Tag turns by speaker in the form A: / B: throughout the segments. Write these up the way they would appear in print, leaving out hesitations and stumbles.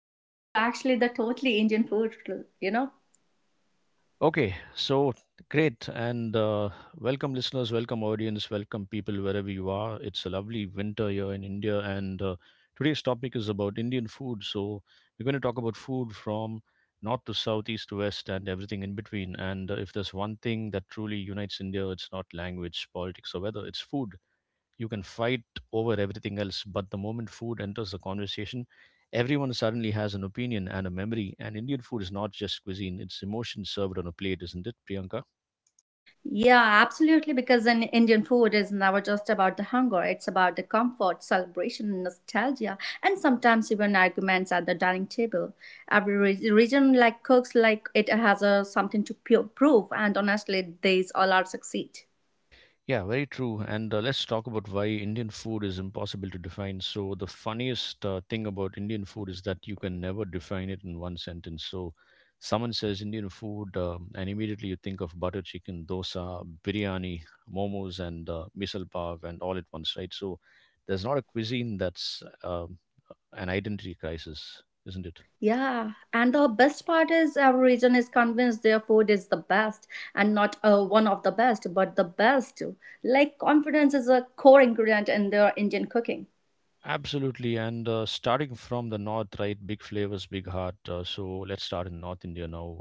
A: Yeah, it's actually the totally Indian food, you know?
B: Okay, so great. And Welcome, listeners, welcome, audience, welcome, people, wherever you are. It's a lovely winter here in India. And Today's topic is about Indian food. So we're going to talk about food from north to south, east to west, and everything in between. And If there's one thing that truly unites India, it's not language, politics, or weather, it's food. You can fight over everything else, but the moment food enters the conversation, everyone suddenly has an opinion and a memory. And Indian food is not just cuisine, it's emotion served on a plate, isn't it, Priyanka?
A: Yeah, absolutely. Because an Indian food is never just about the hunger, it's about the comfort, celebration, nostalgia, and sometimes even arguments at the dining table. Every region like cooks like it has a, something to prove, and honestly, these all are succeed.
B: Yeah, very true. And Let's talk about why Indian food is impossible to define. So, the funniest thing about Indian food is that you can never define it in one sentence. So, someone says Indian food, and immediately you think of butter chicken, dosa, biryani, momos, and misal pav, and all at once, right? So, there's not a cuisine that's an identity crisis, isn't it?
A: Yeah, and the best part is every region is convinced their food is the best and not one of the best, but the best. Like confidence is a core ingredient in their Indian cooking.
B: Absolutely, and starting from the north, right? Big flavors, big heart. So let's start in North India now,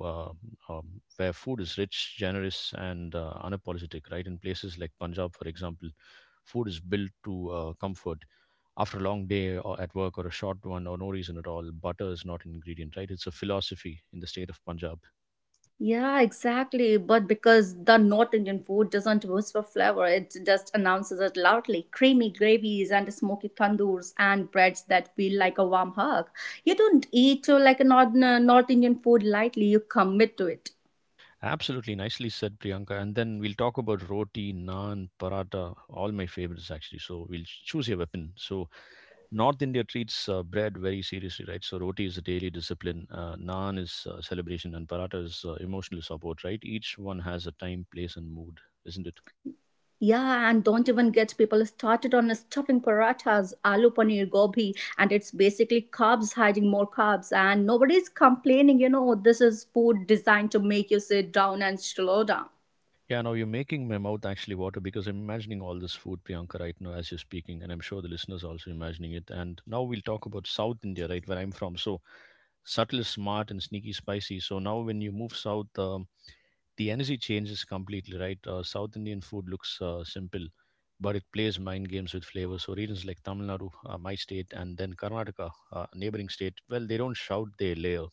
B: where food is rich, generous, and unapologetic, right? In places like Punjab, for example, food is built to comfort. After a long day or at work or a short one or no reason at all, butter is not an ingredient, right? It's a philosophy in the state of Punjab.
A: Yeah, exactly. But because the North Indian food doesn't whisper flavor, it just announces it loudly. Creamy gravies and smoky tandoors and breads that feel like a warm hug. You don't eat like a North Indian food lightly, you commit to it.
B: Absolutely, nicely said, Priyanka. And then we'll talk about roti, naan, paratha, all my favorites actually. So we'll choose your weapon. So North India treats bread very seriously, right? So roti is a daily discipline, naan is celebration, and paratha is emotional support, right? Each one has a time, place, and mood, isn't it?
A: Yeah, and don't even get people started on stuffing parathas, aloo paneer, gobi, and it's basically carbs hiding more carbs. And nobody's complaining, this is food designed to make you sit down and slow down.
B: Yeah, now you're making my mouth actually water because I'm imagining all this food, Priyanka, right now as you're speaking, and I'm sure the listeners are also imagining it. And now we'll talk about South India, right, where I'm from. So subtle is smart and sneaky spicy. So now when you move south, the energy changes completely, right? South Indian food looks simple, but it plays mind games with flavor. So regions like Tamil Nadu, my state, and then Karnataka, neighboring state, well, they don't shout, they layer.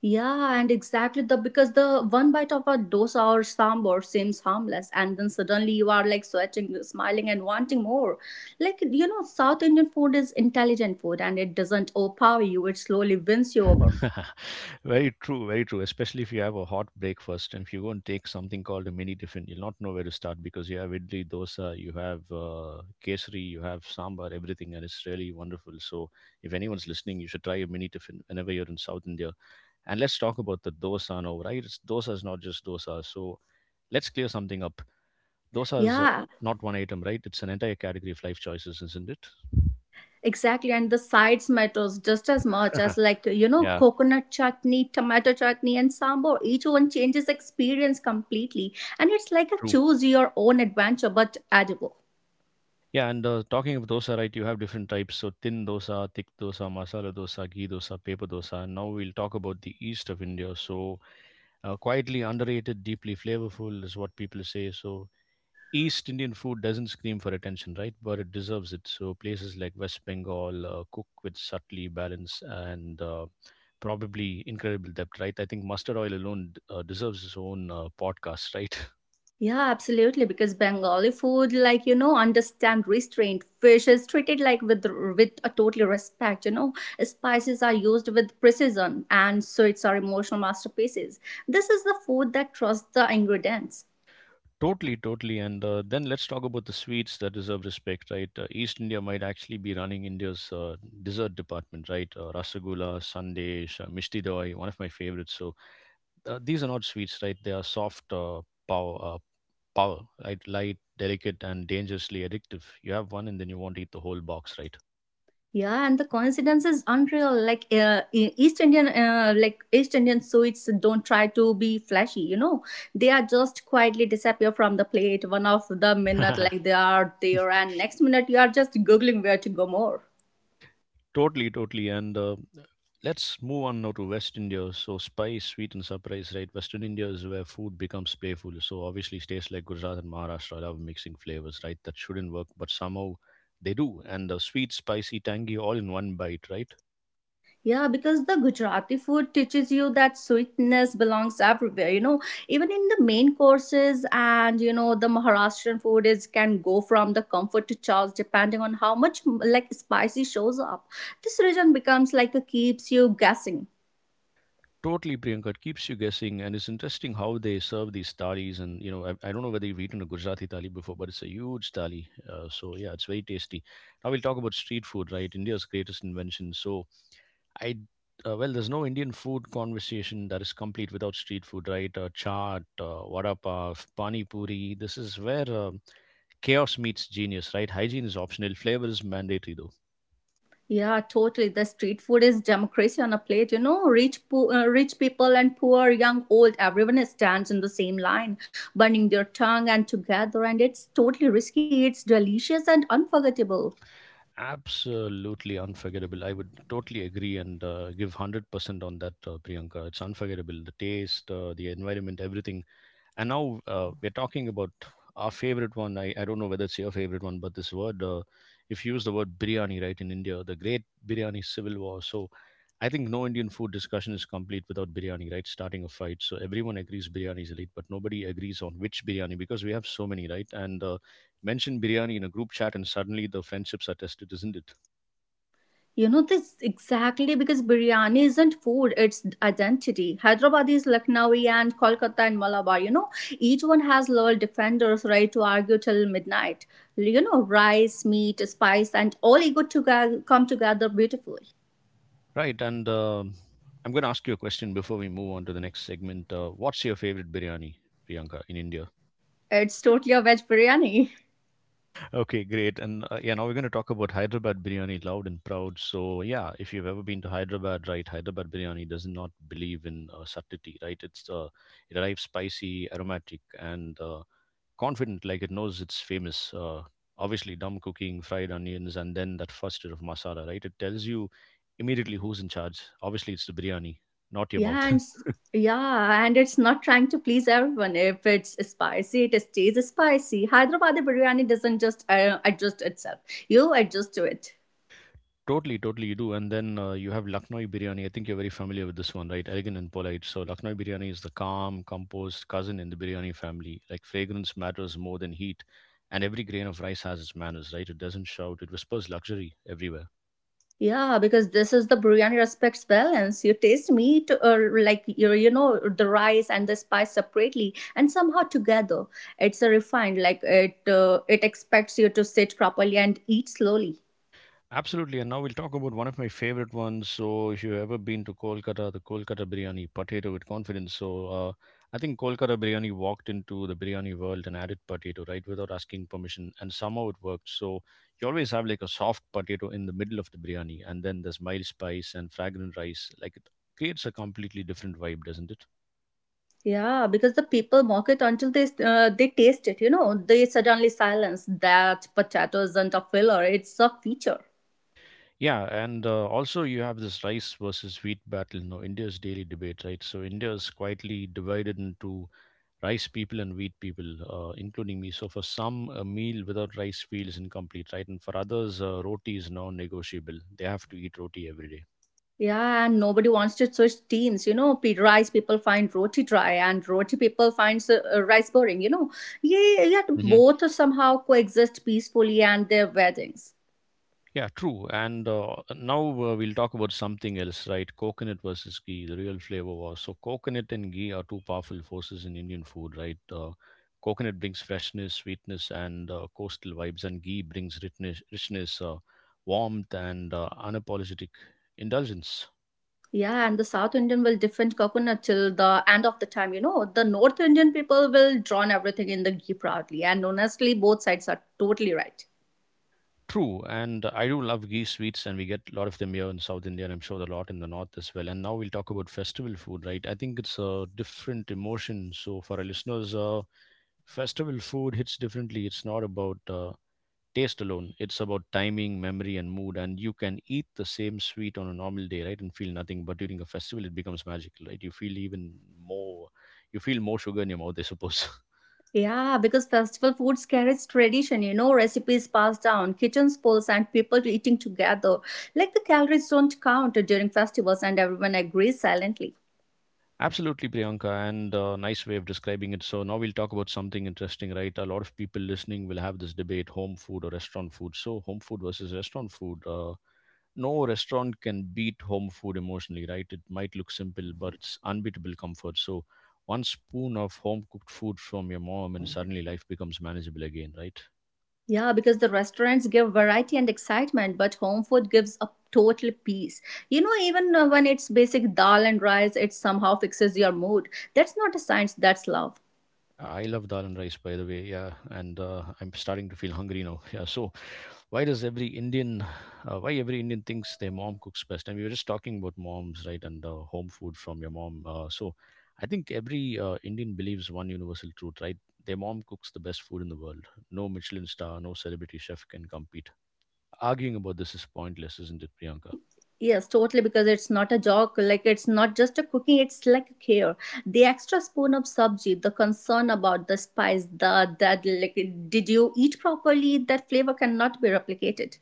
A: Yeah, and exactly the because the one bite of a dosa or sambar seems harmless, and then suddenly you are like sweating, smiling, and wanting more. Like you know, South Indian food is intelligent food, and it doesn't overpower you; it slowly wins you over.
B: Very true, very true. Especially if you have a hot breakfast, and if you go and take something called a mini tiffin, you'll not know where to start because you have idli, dosa, you have kesari, you have sambar, everything, and it's really wonderful. So if anyone's listening, you should try a mini tiffin whenever you're in South India. And let's talk about the dosa now, right? Dosa is not just dosa. So let's clear something up. Dosa is
A: Yeah.
B: not one item, right? It's an entire category of life choices, isn't it?
A: Exactly, and the sides matters just as much as like you know
B: Yeah,
A: coconut chutney, tomato chutney, and sambar. Each one changes experience completely, and it's like a
B: true.
A: choose your own adventure but edible.
B: Yeah, and talking of dosa, right, you have different types. So tin dosa, thick dosa, masala dosa, ghee dosa, paper dosa. And now we'll talk about the east of India. So quietly underrated, deeply flavorful is what people say. So East Indian food doesn't scream for attention, right? But it deserves it. So places like West Bengal cook with subtly balance and probably incredible depth, right? I think mustard oil alone deserves its own podcast, right?
A: Yeah, absolutely. Because Bengali food, like you know, understand restraint. Fish is treated with a total respect. You know, spices are used with precision, and sweets are emotional masterpieces. This is the food that trusts the ingredients.
B: Totally, totally. And then let's talk about the sweets that deserve respect, right? East India might actually be running India's dessert department, right? Rasagula, Sandesh, Mishti Doi, one of my favorites. So these are not sweets, right? They are soft uh, pow- uh, power, right? Light, delicate, and dangerously addictive. You have one, and then you want to eat the whole box, right?
A: Yeah, and the coincidence is unreal like e- east indian like east Indian sweets don't try to be flashy, you know, they are just quietly disappear from the plate one of the minute like they are there and next minute you are just googling where to go more.
B: Totally, totally. And let's move on now to West India. So spice, sweet, and surprise, right? Western India is where food becomes playful. So obviously, states like Gujarat and Maharashtra love mixing flavors, right? That shouldn't work, but somehow they do. And the sweet, spicy, tangy, all in one bite, right?
A: Yeah, because the Gujarati food teaches you that sweetness belongs everywhere. You know, even in the main courses, and you know, the Maharashtrian food is can go from the comfort to chaos depending on how much like spicy shows up. This region becomes like a keeps you guessing.
B: Totally, Priyanka. It keeps you guessing, and it's interesting how they serve these thalis. And you know, I don't know whether you've eaten a Gujarati thali before, but it's a huge thali. So yeah, it's very tasty. Now we'll talk about street food, right? India's greatest invention. So I, there's no Indian food conversation that is complete without street food, right? Chaat, vada pav, pani puri. This is where chaos meets genius, right? Hygiene is optional, flavor is mandatory, though.
A: Yeah, totally. The street food is democracy on a plate. You know, rich, rich people and poor, young, old, everyone stands in the same line, burning their tongue and together. And it's totally risky. It's delicious and unforgettable.
B: Absolutely unforgettable. I would totally agree and give 100% on that, Priyanka. It's unforgettable. The taste, the environment, everything. And now we're talking about our favorite one. I don't know whether it's your favorite one, but this word, if you use the word biryani, right, in India, the great biryani civil war. So I think no Indian food discussion is complete without biryani, right, starting a fight. So everyone agrees biryani is elite, but nobody agrees on which biryani because we have so many, right? And mention biryani in a group chat and suddenly the friendships are tested, isn't it?
A: You know, this exactly because biryani isn't food, it's identity. Hyderabad is Lucknowi and Kolkata and Malabar, you know, each one has loyal defenders, right? To argue till midnight. You know, rice, meat, spice, and all ego to come together beautifully.
B: Right. And I'm going to ask you a question before we move on to the next segment. What's your favorite biryani, Priyanka, in India?
A: It's totally a veg biryani.
B: Okay, great. And yeah, now we're going to talk about Hyderabad biryani loud and proud. So, yeah, if you've ever been to Hyderabad, right, Hyderabad biryani does not believe in subtlety, right? It arrives spicy, aromatic, and confident, like it knows it's famous. Obviously, dumb cooking, fried onions, and then that first layer of masala, right? It tells you immediately who's in charge. Obviously, it's the biryani, not your
A: Yeah,
B: mouth.
A: and s- yeah, and it's not trying to please everyone. If it's spicy, it stays spicy. Hyderabad biryani doesn't just adjust itself. You adjust to it.
B: Totally, totally, you do. And then you have Lucknowi biryani. I think you're very familiar with this one, right? Elegant and polite. So Lucknowi biryani is the calm, composed cousin in the biryani family. Like fragrance matters more than heat, and every grain of rice has its manners, right? It doesn't shout. It whispers luxury everywhere.
A: Yeah, because this is the biryani respects balance. You taste meat or like you know the rice and the spice separately and somehow together. It's a refined like it it expects you to sit properly and eat slowly.
B: Absolutely, and now we'll talk about one of my favorite ones. So, if you've ever been to Kolkata, the Kolkata biryani, potato with confidence. So, I think Kolkata biryani walked into the biryani world and added potato, right, without asking permission, and somehow it worked. So, you always have like a soft potato in the middle of the biryani, and then there's mild spice and fragrant rice. Like it creates a completely different vibe, doesn't it?
A: Yeah, because the people mock it until they taste it. You know, they suddenly silence that potato isn't a filler; it's a feature.
B: Yeah, and also you have this rice versus wheat battle, you know, India's daily debate, right? So India is quietly divided into rice people and wheat people, including me. So for some, a meal without rice feels incomplete, right? And for others, roti is non-negotiable. They have to eat roti every day.
A: Yeah, and nobody wants to switch teams. You know, rice people find roti dry, and roti people finds rice boring. You know, yeah, yet
B: Hmm.
A: both somehow coexist peacefully and their weddings.
B: Yeah, true. And now we'll talk about something else, right? Coconut versus ghee, the real flavor was. So, coconut and ghee are two powerful forces in Indian food, right? Coconut brings freshness, sweetness, and coastal vibes, and ghee brings richness, richness, warmth, and unapologetic indulgence.
A: Yeah, and the South Indian will defend coconut till the end of the time. You know, the North Indian people will drown everything in the ghee proudly, and honestly, both sides are totally right.
B: True, and I do love ghee sweets, and we get a lot of them here in South India, and I'm sure a lot in the North as well. And now we'll talk about festival food, right? I think it's a different emotion. So for our listeners, festival food hits differently. It's not about taste alone; it's about timing, memory, and mood. And you can eat the same sweet on a normal day, right, and feel nothing. But during a festival, it becomes magical, right? You feel even more. You feel more sugar in your mouth, I suppose.
A: Yeah, because festival foods carries tradition, you know, recipes passed down, kitchen spills, and people eating together. Like the calories don't count during festivals, and everyone agrees silently.
B: Absolutely, Priyanka, and nice way of describing it. So now we'll talk about something interesting, right? A lot of people listening will have this debate: home food or restaurant food. So home food versus restaurant food. No restaurant can beat home food emotionally, right? It might look simple, but it's unbeatable comfort. So one spoon of home cooked food from your mom, and suddenly life becomes manageable again, right?
A: Yeah, because the restaurants give variety and excitement, but home food gives a total peace. You know, even when it's basic dal and rice, it somehow fixes your mood. That's not a science, that's love.
B: I love dal and rice, by the way. Yeah, and I'm starting to feel hungry now. Yeah. So, why does every Indian, why every Indian thinks their mom cooks best? And we were just talking about moms, right? And home food from your mom. I think every Indian believes one universal truth, right? Their mom cooks the best food in the world. No Michelin star, no celebrity chef can compete. Arguing about this is pointless, isn't it, Priyanka?
A: Yes, totally, because it's not a joke. Like, it's not just a cooking, it's like a care. The extra spoon of sabji, the concern about the spice, the that, like, did you eat properly? That flavor cannot be replicated.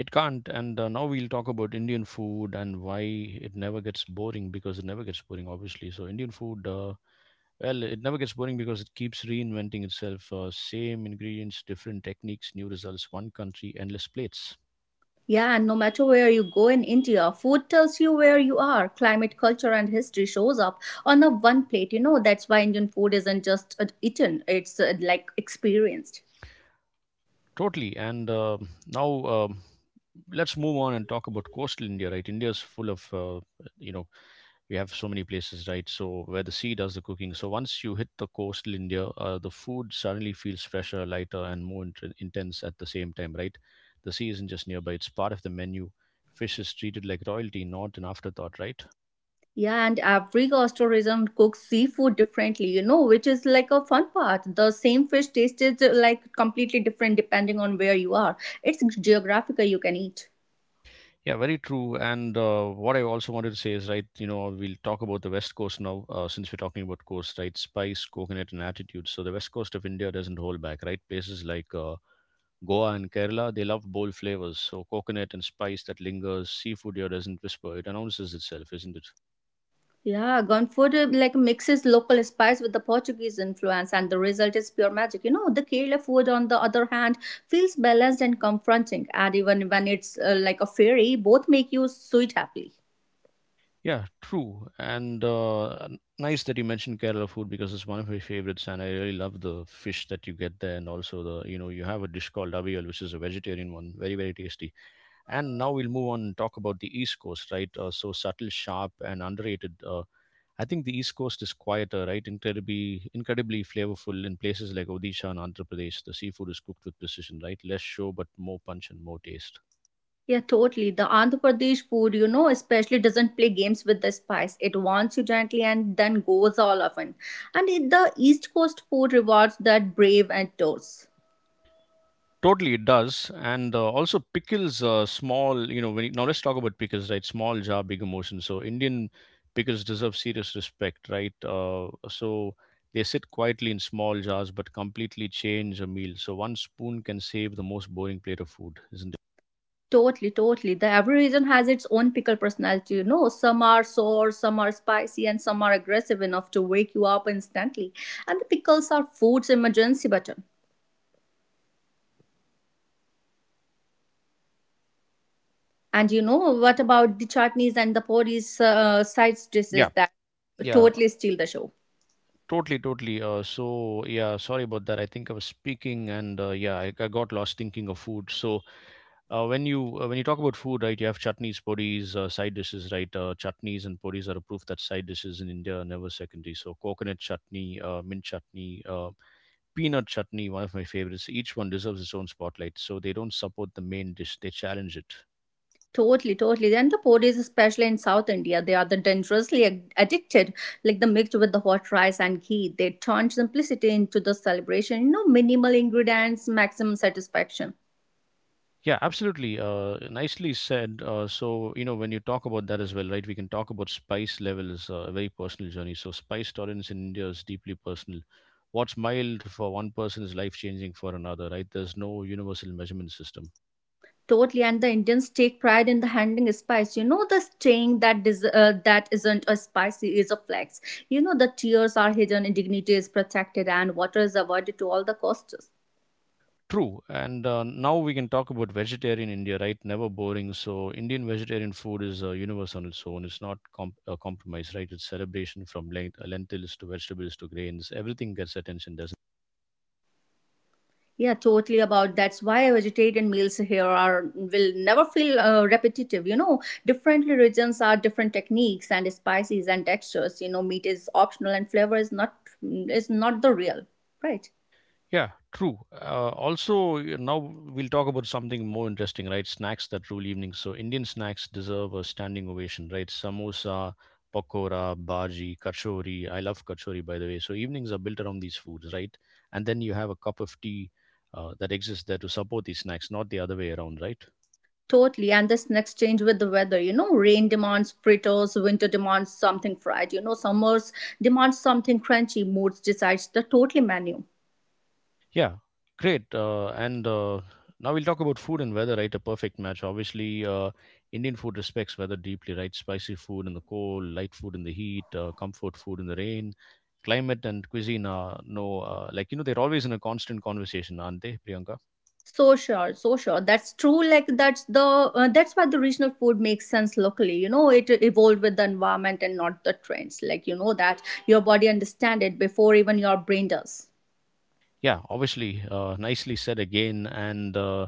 B: It can't. And now we'll talk about Indian food and why it never gets boring because it never gets boring, obviously. So, Indian food. Well, it never gets boring because it keeps reinventing itself. Same ingredients, different techniques, new results, one country, endless plates.
A: Yeah, and no matter where you go in India, food tells you where you are. Climate, culture, and history shows up on a one plate. You know, that's why Indian food isn't just eaten, it's like experienced.
B: Totally. And now let's move on and talk about coastal India, right? India's full of, you know, we have so many places, right? So where the sea does the cooking. So once you hit the coastal India, the food suddenly feels fresher, lighter, and more intense at the same time, right? The sea isn't just nearby, it's part of the menu. Fish is treated like royalty, not an afterthought, right?
A: Yeah, and every gastrorism cooks seafood differently, you know, which is like a fun part. The same fish tasted like completely different depending on where you are. It's geographical you can eat.
B: Yeah, very true. And what I also wanted to say is, right, you know, we'll talk about the West Coast now, since we're talking about coast, right? Spice, coconut, and attitude. So the West Coast of India doesn't hold back, right? Places like Goa and Kerala, they love bold flavors. So coconut and spice that lingers, seafood here doesn't whisper, it announces itself, isn't it?
A: Yeah, Gonfood like mixes local spice with the Portuguese influence, and the result is pure magic. You know, the Kerala food, on the other hand, feels balanced and confronting, and even when it's like a fairy, both make you sweet happily.
B: Yeah, true. Nice that you mentioned Kerala food because it's one of my favorites, and I really love the fish that you get there, and also the, you know, you have a dish called avial, which is a vegetarian one, very, very tasty. And now we'll move on and talk about the East Coast, right? So subtle, sharp, and underrated. I think the East Coast is quieter, right? Incredibly, incredibly flavorful in places like Odisha and Andhra Pradesh. The seafood is cooked with precision, right? Less show, but more punch and more taste.
A: Yeah, totally. The Andhra Pradesh food, you know, especially doesn't play games with the spice. It wants you gently and then goes all often. And it, the East Coast food rewards that brave and toast.
B: Totally, it does, and also pickles. Small, you know. When you, now let's talk about pickles, right? Small jar, big emotion. So Indian pickles deserve serious respect, right? So they sit quietly in small jars, but completely change a meal. So one spoon can save the most boring plate of food, isn't it?
A: Totally, totally. The every region has its own pickle personality, you know. Some are sour, some are spicy, and some are aggressive enough to wake you up instantly. And the pickles are food's emergency button. And you know, what about the chutneys and the poris side
B: Yeah,
A: dishes that
B: yeah,
A: totally steal the show?
B: totally, totally. So yeah, sorry about that. I think I was speaking, and yeah, I got lost thinking of food. So when you talk about food, right, you have chutneys, podis, side dishes, right. Chutneys and podis are a proof that side dishes in India are never secondary. So coconut chutney, mint chutney, peanut chutney, one of my favorites. Each one deserves its own spotlight. So they don't support the main dish, they challenge it.
A: Totally, totally. And the podis, especially in South India, they are the dangerously addicted, like the mixed with the hot rice and ghee. They turn simplicity into the celebration. You know, minimal ingredients, maximum satisfaction.
B: Yeah, absolutely. Nicely said. You know, when you talk about that as well, right, we can talk about spice levels, a very personal journey. So, spice tolerance in India is deeply personal. What's mild for one person is life changing for another, right? There's no universal measurement system.
A: Totally, and the Indians take pride in the handling spice. You know, the saying that is that isn't a spicy is a flex. You know, the tears are hidden, dignity is protected, and water is avoided to all the costs.
B: True. And now we can talk about vegetarian India, right? Never boring. So, Indian vegetarian food is a universe on its own. It's not a compromise, right? It's celebration from lentils to vegetables to grains. Everything gets attention, doesn't.
A: Yeah, totally about that's why vegetarian meals here are will never feel repetitive. You know, different regions are different techniques and spices and textures. You know, meat is optional and flavor is not the real, right?
B: Yeah, true. Now we'll talk about something more interesting, right? Snacks that rule evenings. So, Indian snacks deserve a standing ovation, right? Samosa, pakora, bhaji, kachori. I love kachori, by the way. So, evenings are built around these foods, right? And then you have a cup of tea that exists there to support these snacks, not the other way around, right?
A: Totally, and this next change with the weather. You know, rain demands fritters, winter demands something fried. You know, summers demands something crunchy. Moods decides the total menu.
B: Yeah, great. And now we'll talk about food and weather, right? A perfect match. Obviously, Indian food respects weather deeply, right? Spicy food in the cold, light food in the heat, comfort food in the rain. Climate and cuisine are no, you know, they're always in a constant conversation, aren't they, Priyanka?
A: So sure, so sure. That's true. Like that's why the regional food makes sense locally. You know, it evolved with the environment and not the trends. Like you know that your body understand it before even your brain does.
B: Yeah, obviously, nicely said again. And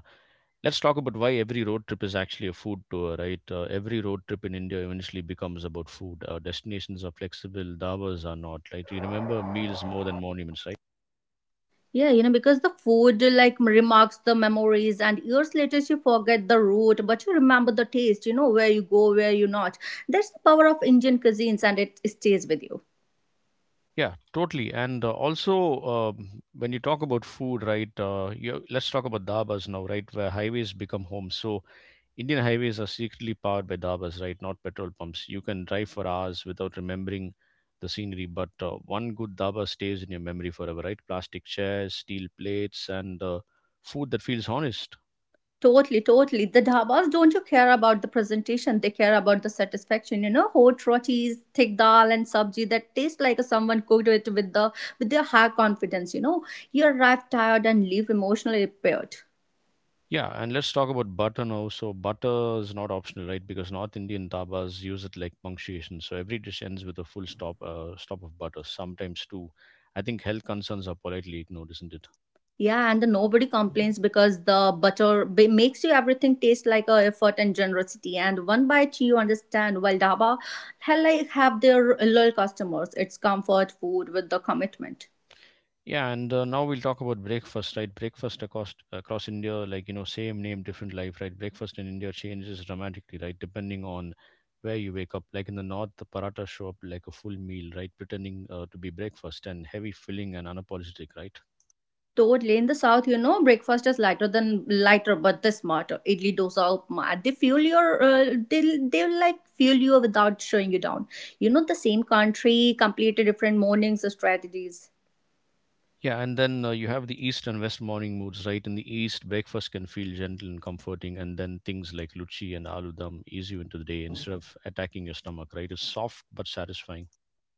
B: let's talk about why every road trip is actually a food tour, right? Every road trip in India eventually becomes about food. Destinations are flexible, dhabas are not, right? You remember meals more than monuments, right?
A: Yeah, you know because the food like remarks the memories, and years later you forget the root, but you remember the taste. You know where you go, where you not. That's the power of Indian cuisines, and it stays with you.
B: Yeah, totally. When you talk about food, right? Let's talk about dhabas now, right? Where highways become homes. So Indian highways are secretly powered by dabas, right? Not petrol pumps. You can drive for hours without remembering the scenery, but one good daba stays in your memory forever, right? Plastic chairs, steel plates, and food that feels honest.
A: Totally, totally. The dhabas don't you care about the presentation, they care about the satisfaction. You know, hot rotis, thick dal and sabji that taste like someone cooked it with their high confidence, you know. You arrive tired and leave emotionally repaired.
B: Yeah, and let's talk about butter now. So butter is not optional, right? Because North Indian dabas use it like punctuation. So every dish ends with a full stop, stop of butter. Sometimes too. I think health concerns are politely ignored, isn't it?
A: Yeah, and the nobody complains because the butter makes you everything taste like a effort and generosity. And one bite you understand, while dhaba hell, like have their loyal customers. It's comfort food with the commitment.
B: Yeah, and Now we'll talk about breakfast, right? Breakfast across India, like you know, same name, different life, right? Breakfast in India changes dramatically, right? Depending on where you wake up. Like in the north, the paratha show up like a full meal, right? Pretending to be breakfast and heavy filling and unapologetic, right?
A: Totally. In the south, you know, breakfast is lighter than lighter, but the smarter. Idli, dosa, upma. They'll like fuel you without showing you down. You know, the same country, completely different mornings, strategies.
B: Yeah, and then you have the east and west morning moods, right? In the east, breakfast can feel gentle and comforting, and then things like luchi and aloo dum ease you into the day instead of attacking your stomach, right? It's soft but satisfying.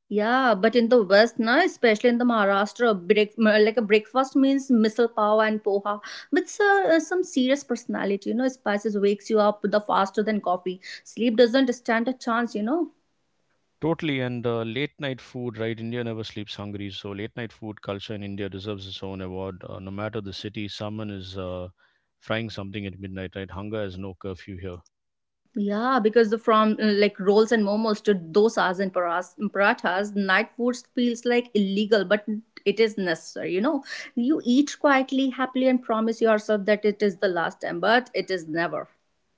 A: Yeah, but in the west, na, especially in the Maharashtra, like a breakfast means misal pav and poha with some serious personality. You know, spices wakes you up the faster than coffee. Sleep doesn't stand a chance. You know.
B: Totally, and late night food, right? India never sleeps hungry, so late night food culture in India deserves its own award. No matter the city, someone is frying something at midnight, right? Hunger has no curfew here.
A: Yeah, because the from like rolls and momos to dosas and parathas, night foods feels like illegal, but it is necessary. You know, you eat quietly, happily, and promise yourself that it is the last time, but it is never.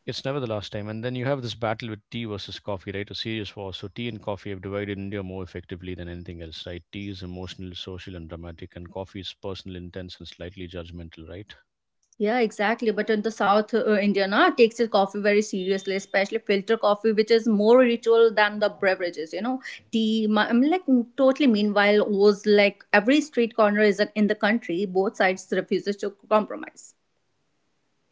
B: It's never the last time. And then you have this battle with tea versus coffee, right? A serious war. So tea and coffee have divided India more effectively than anything else, right? Tea is emotional, social, and dramatic, and coffee is personal, intense, and slightly judgmental, right?
A: Yeah, exactly. But in the South India, na, takes its coffee very seriously, especially filter coffee, which is more ritual than the beverages. You know, tea. I mean, like totally. Meanwhile, was like every street corner is in the country. Both sides refuses to compromise.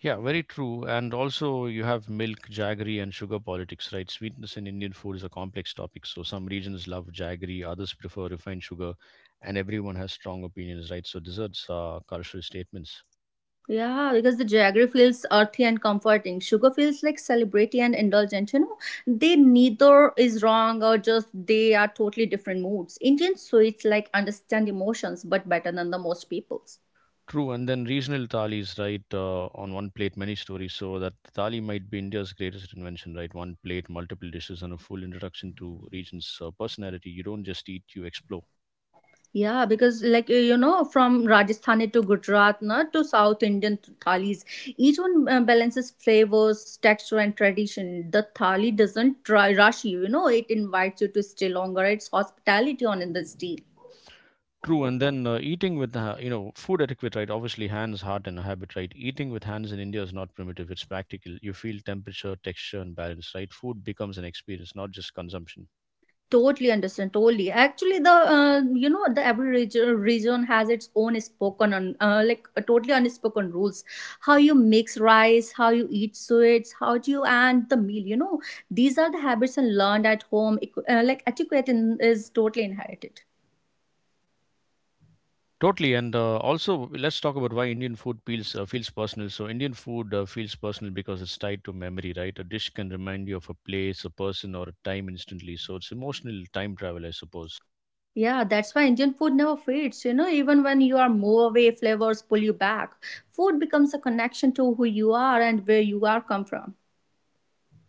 B: Yeah, very true. And also, you have milk, jaggery, and sugar politics, right? Sweetness in Indian food is a complex topic. So, some regions love jaggery, others prefer refined sugar, and everyone has strong opinions, right? So, desserts are cultural statements.
A: Yeah, because the jaggery feels earthy and comforting. Sugar feels like celebrity and indulgent. You know, they neither is wrong or just they are totally different moods. Indian sweets like understand emotions but better than the most people's.
B: True. And then regional thalis, right? On one plate, many stories. So, that thali might be India's greatest invention, right? One plate, multiple dishes, and a full introduction to region's personality. You don't just eat, you explore.
A: Yeah, because like you know, from Rajasthani to Gujarat, na, to South Indian to thalis, each one balances flavors, texture, and tradition. The thali doesn't try rush you. You know, it invites you to stay longer. It's hospitality on in the steel.
B: True, and then eating with the, you know, food etiquette, right? Obviously, hands, heart, and habit, right? Eating with hands in India is not primitive, it's practical. You feel temperature, texture, and balance, right? Food becomes an experience, not just consumption.
A: Totally understand. Totally. Actually, the you know the every region has its own spoken un, like totally unspoken rules. How you mix rice, how you eat sweets, how do you and the meal. You know these are the habits and learned at home. Like etiquette in, is totally inherited.
B: Totally, and also let's talk about why Indian food feels feels personal. So Indian food feels personal because it's tied to memory, right? A dish can remind you of a place, a person, or a time instantly. So it's emotional time travel, I suppose.
A: Yeah, that's why Indian food never fades. You know, even when you are move away, flavors pull you back. Food becomes a connection to who you are and where you are come from.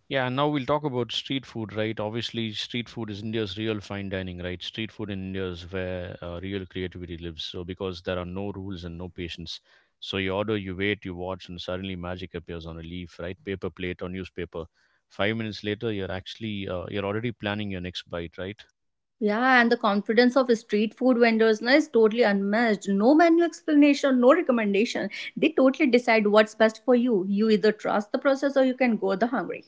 B: Yeah, now we'll talk about street food, right? Obviously, street food is India's real fine dining, right? Street food in India is where real creativity lives. So, because there are no rules and no patience. So, you order, you wait, you watch, and suddenly magic appears on a leaf, right? Paper plate or newspaper. 5 minutes later, you're already planning your next bite, right?
A: Yeah, and the confidence of street food vendors na, is totally unmatched. No menu explanation, no recommendation. They totally decide what's best for you. You either trust the process or you can go the hungry.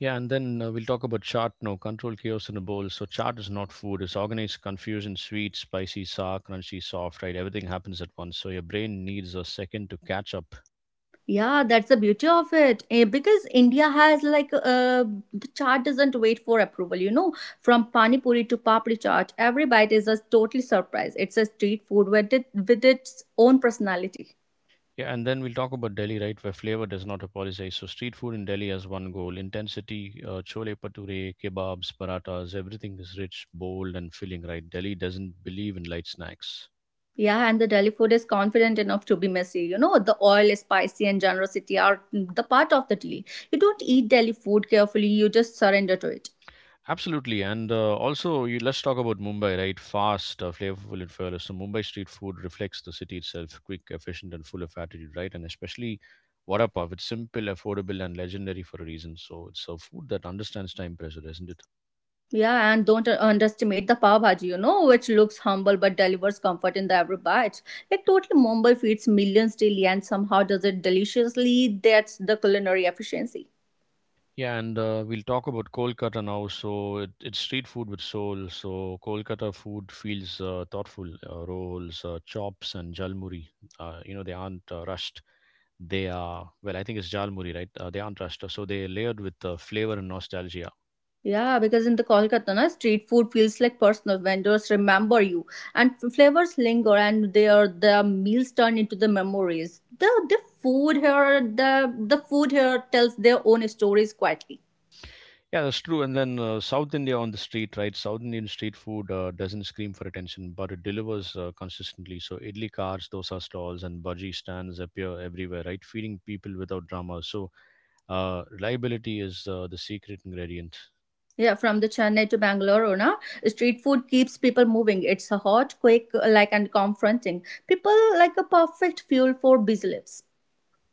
B: Yeah, and then we'll talk about chaat now, control chaos in a bowl. So, chaat is not food, it's organized confusion, sweet, spicy, sour, crunchy, soft, right? Everything happens at once. So, your brain needs a second to catch up.
A: Yeah, that's the beauty of it. Eh, because India has the chart doesn't wait for approval, you know. From pani puri to papri chaat, every bite is a totally surprise. It's a street food with, it, with its own personality.
B: Yeah, and then we'll talk about Delhi, right, where flavor does not apologize. So street food in Delhi has one goal: intensity. Chole bhature, kebabs, parathas, everything is rich, bold, and filling, right? Delhi doesn't believe in light snacks.
A: Yeah, and the Delhi food is confident enough to be messy. You know, the oil, spicy, and generosity are the part of the deal. You don't eat Delhi food carefully, you just surrender to it.
B: Absolutely, and also let's talk about Mumbai, right? Fast, flavorful, and fearless. So Mumbai street food reflects the city itself: quick, efficient, and full of attitude, right? And especially vada pav, it's simple, affordable, and legendary for a reason. So it's a food that understands time pressure, isn't it?
A: Yeah, and don't underestimate the pav bhaji, you know, which looks humble but delivers comfort in the every bite. Like, totally, Mumbai feeds millions daily and somehow does it deliciously. That's the culinary efficiency.
B: Yeah, and We'll talk about Kolkata now. So it, it's street food with soul. So Kolkata food feels thoughtful. Rolls, chops, and jalmuri. You know they aren't rushed. They are well. I think it's jalmuri, right? They aren't rushed. So they're layered with flavor and nostalgia.
A: Yeah, because in the Kolkata, na, street food feels like personal. Vendors remember you, and flavors linger, and their the meals turn into the memories. The the food here, the the food here tells their own stories quietly.
B: Yeah, that's true. And then South India on the street, right? South Indian street food doesn't scream for attention, but it delivers consistently. So idli cars, dosa stalls, and bhaji stands appear everywhere, right? Feeding people without drama. Reliability is the secret ingredient.
A: Yeah, from the Chennai to Bangalore, na, street food keeps people moving. It's a hot, quick, like and confronting. People like a perfect fuel for busy lives.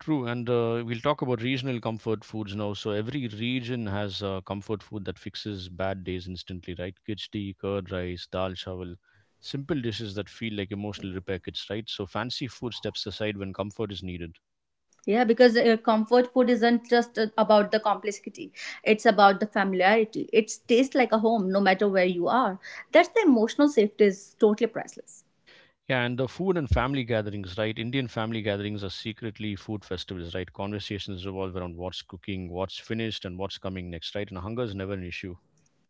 B: True, and we'll talk about regional comfort foods now. So every region has comfort food that fixes bad days instantly, right? Khichdi, curd rice, dal chawal, simple dishes that feel like emotional repair kits, right? So fancy food steps aside when comfort is needed.
A: Yeah, because comfort food isn't just about the complexity. It's about the familiarity. It tastes like a home no matter where you are. That's the emotional safety is totally priceless.
B: Yeah, and the food and family gatherings, right? Indian family gatherings are secretly food festivals, right? Conversations revolve around what's cooking, what's finished, and what's coming next, right? And hunger is never an issue.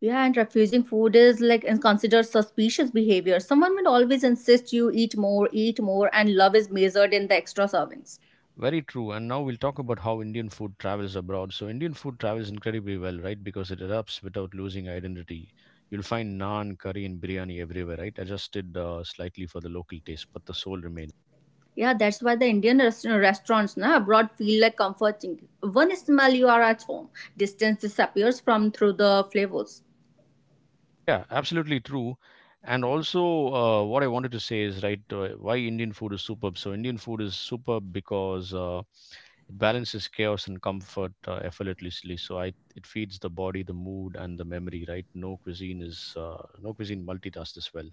A: Yeah, and refusing food is like is considered suspicious behavior. Someone will always insist you eat more, and love is measured in the extra servings.
B: Very true. And now we'll talk about how Indian food travels abroad. So Indian food travels incredibly well, right? Because it adapts without losing identity. You'll find naan, curry, and biryani everywhere, right? Adjusted slightly for the local taste, but the soul remains.
A: Yeah, that's why the restaurants na, abroad feel like comforting. One smell you are at home. Distance disappears from through the flavors.
B: Yeah, absolutely true. And also, what I wanted to say is, right, why Indian food is superb. So Indian food is superb because it balances chaos and comfort effortlessly. It feeds the body, the mood, and the memory, right? No cuisine multitasks this well.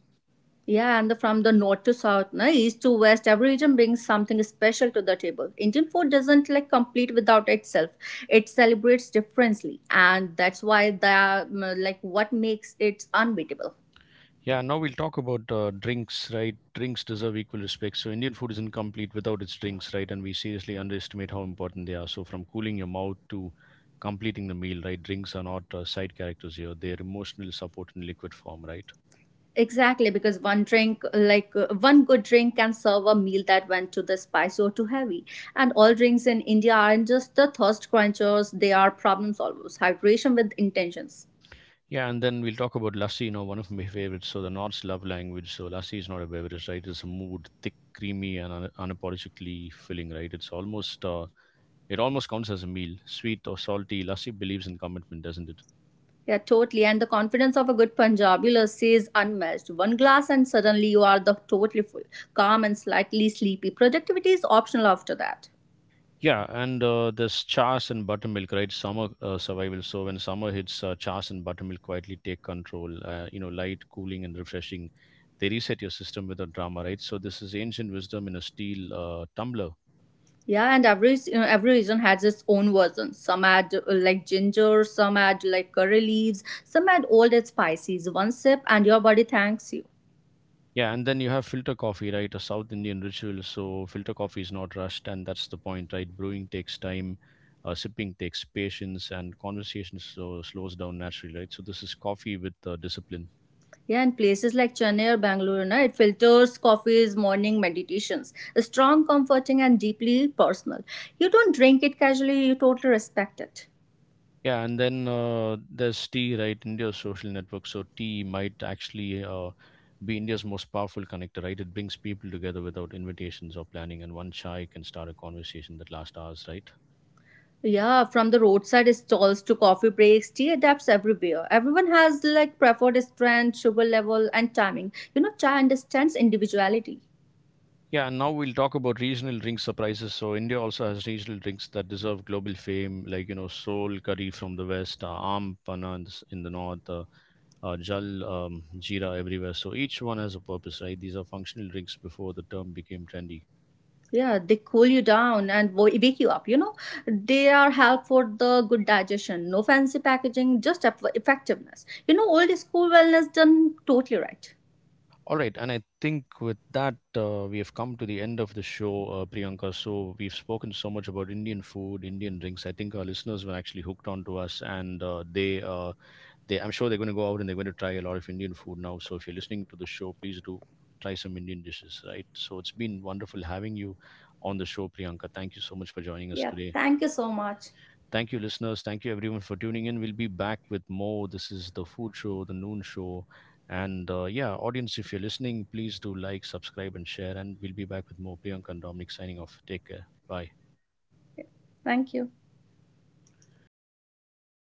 A: Yeah, and the, from the north to south, na, east to west, every region brings something special to the table. Indian food doesn't like complete without itself. It celebrates differently, and that's why the like what makes it unbeatable.
B: Yeah, now we'll talk about drinks, right? Drinks deserve equal respect. So, Indian food is incomplete without its drinks, right? And we seriously underestimate how important they are. So, from cooling your mouth to completing the meal, right? Drinks are not side characters here, they're emotional support in liquid form, right?
A: Exactly, because one drink, one good drink, can serve a meal that went too the spicy or too heavy. And all drinks in India aren't just the thirst quenchers; they are problem solvers. Hydration with intentions.
B: Yeah, and then we'll talk about lassi, you know, one of my favorites. So, the North's love language. So, lassi is not a beverage, right? It's a mood, thick, creamy, and unapologetically filling, right? It almost counts as a meal. Sweet or salty, lassi believes in commitment, doesn't it?
A: Yeah, totally. And the confidence of a good Punjabi lassi is unmatched. One glass and suddenly you are the totally full, calm and slightly sleepy. Productivity is optional after that.
B: Yeah, and there's Chas and Buttermilk, right? Summer survival. So when summer hits, Chas and Buttermilk quietly take control. You know, light, cooling, and refreshing. They reset your system without drama, right? So this is ancient wisdom in a steel tumbler.
A: Yeah, and every you know, every region has its own version. Some add like ginger, some add like curry leaves, some add old and spices. One sip and your body thanks you.
B: Yeah, and then you have filter coffee, right? A South Indian ritual. So filter coffee is not rushed, and that's the point, right? Brewing takes time, sipping takes patience, and conversation so slows down naturally, right? So this is coffee with discipline.
A: Yeah, and places like Chennai or Bangalore, na, it filters coffees, morning meditations. Strong, comforting, and deeply personal. You don't drink it casually, you totally respect it.
B: Yeah, and then there's T, right? India's social network. So T might actually be India's most powerful connector, right? It brings people together without invitations or planning, and one chai can start a conversation that lasts hours, right?
A: Yeah, from the roadside stalls to coffee breaks, tea adapts everywhere. Everyone has like preferred strength, sugar level, and timing. You know, chai understands individuality.
B: Yeah, and now we'll talk about regional drink surprises. So India also has regional drinks that deserve global fame, like you know, soul curry from the west, aam panna in the, in the north, jal jeera everywhere. So each one has a purpose, right? These are functional drinks before the term became trendy.
A: Yeah, they cool you down and wake you up. You know, they are help for the good digestion. No fancy packaging, just effectiveness. You know, old school wellness done totally right.
B: All right, and I think with that, we have come to the end of the show, Priyanka. So we've spoken so much about Indian food, Indian drinks. I think our listeners were actually hooked onto us, and I'm sure they're going to go out and they're going to try a lot of Indian food now. So if you're listening to the show, please do try some Indian dishes, right? So it's been wonderful having you on the show, Priyanka. Thank you so much for joining us
A: Yeah,
B: today.
A: thank you so much.
B: Thank you, listeners. Thank you, everyone, for tuning in. We'll be back with more. This is the food show, the noon show. And yeah, audience, if you're listening, please do like, subscribe, and share. And we'll be back with more. Priyanka and Dominic signing off. Take care. Bye.
A: Thank you.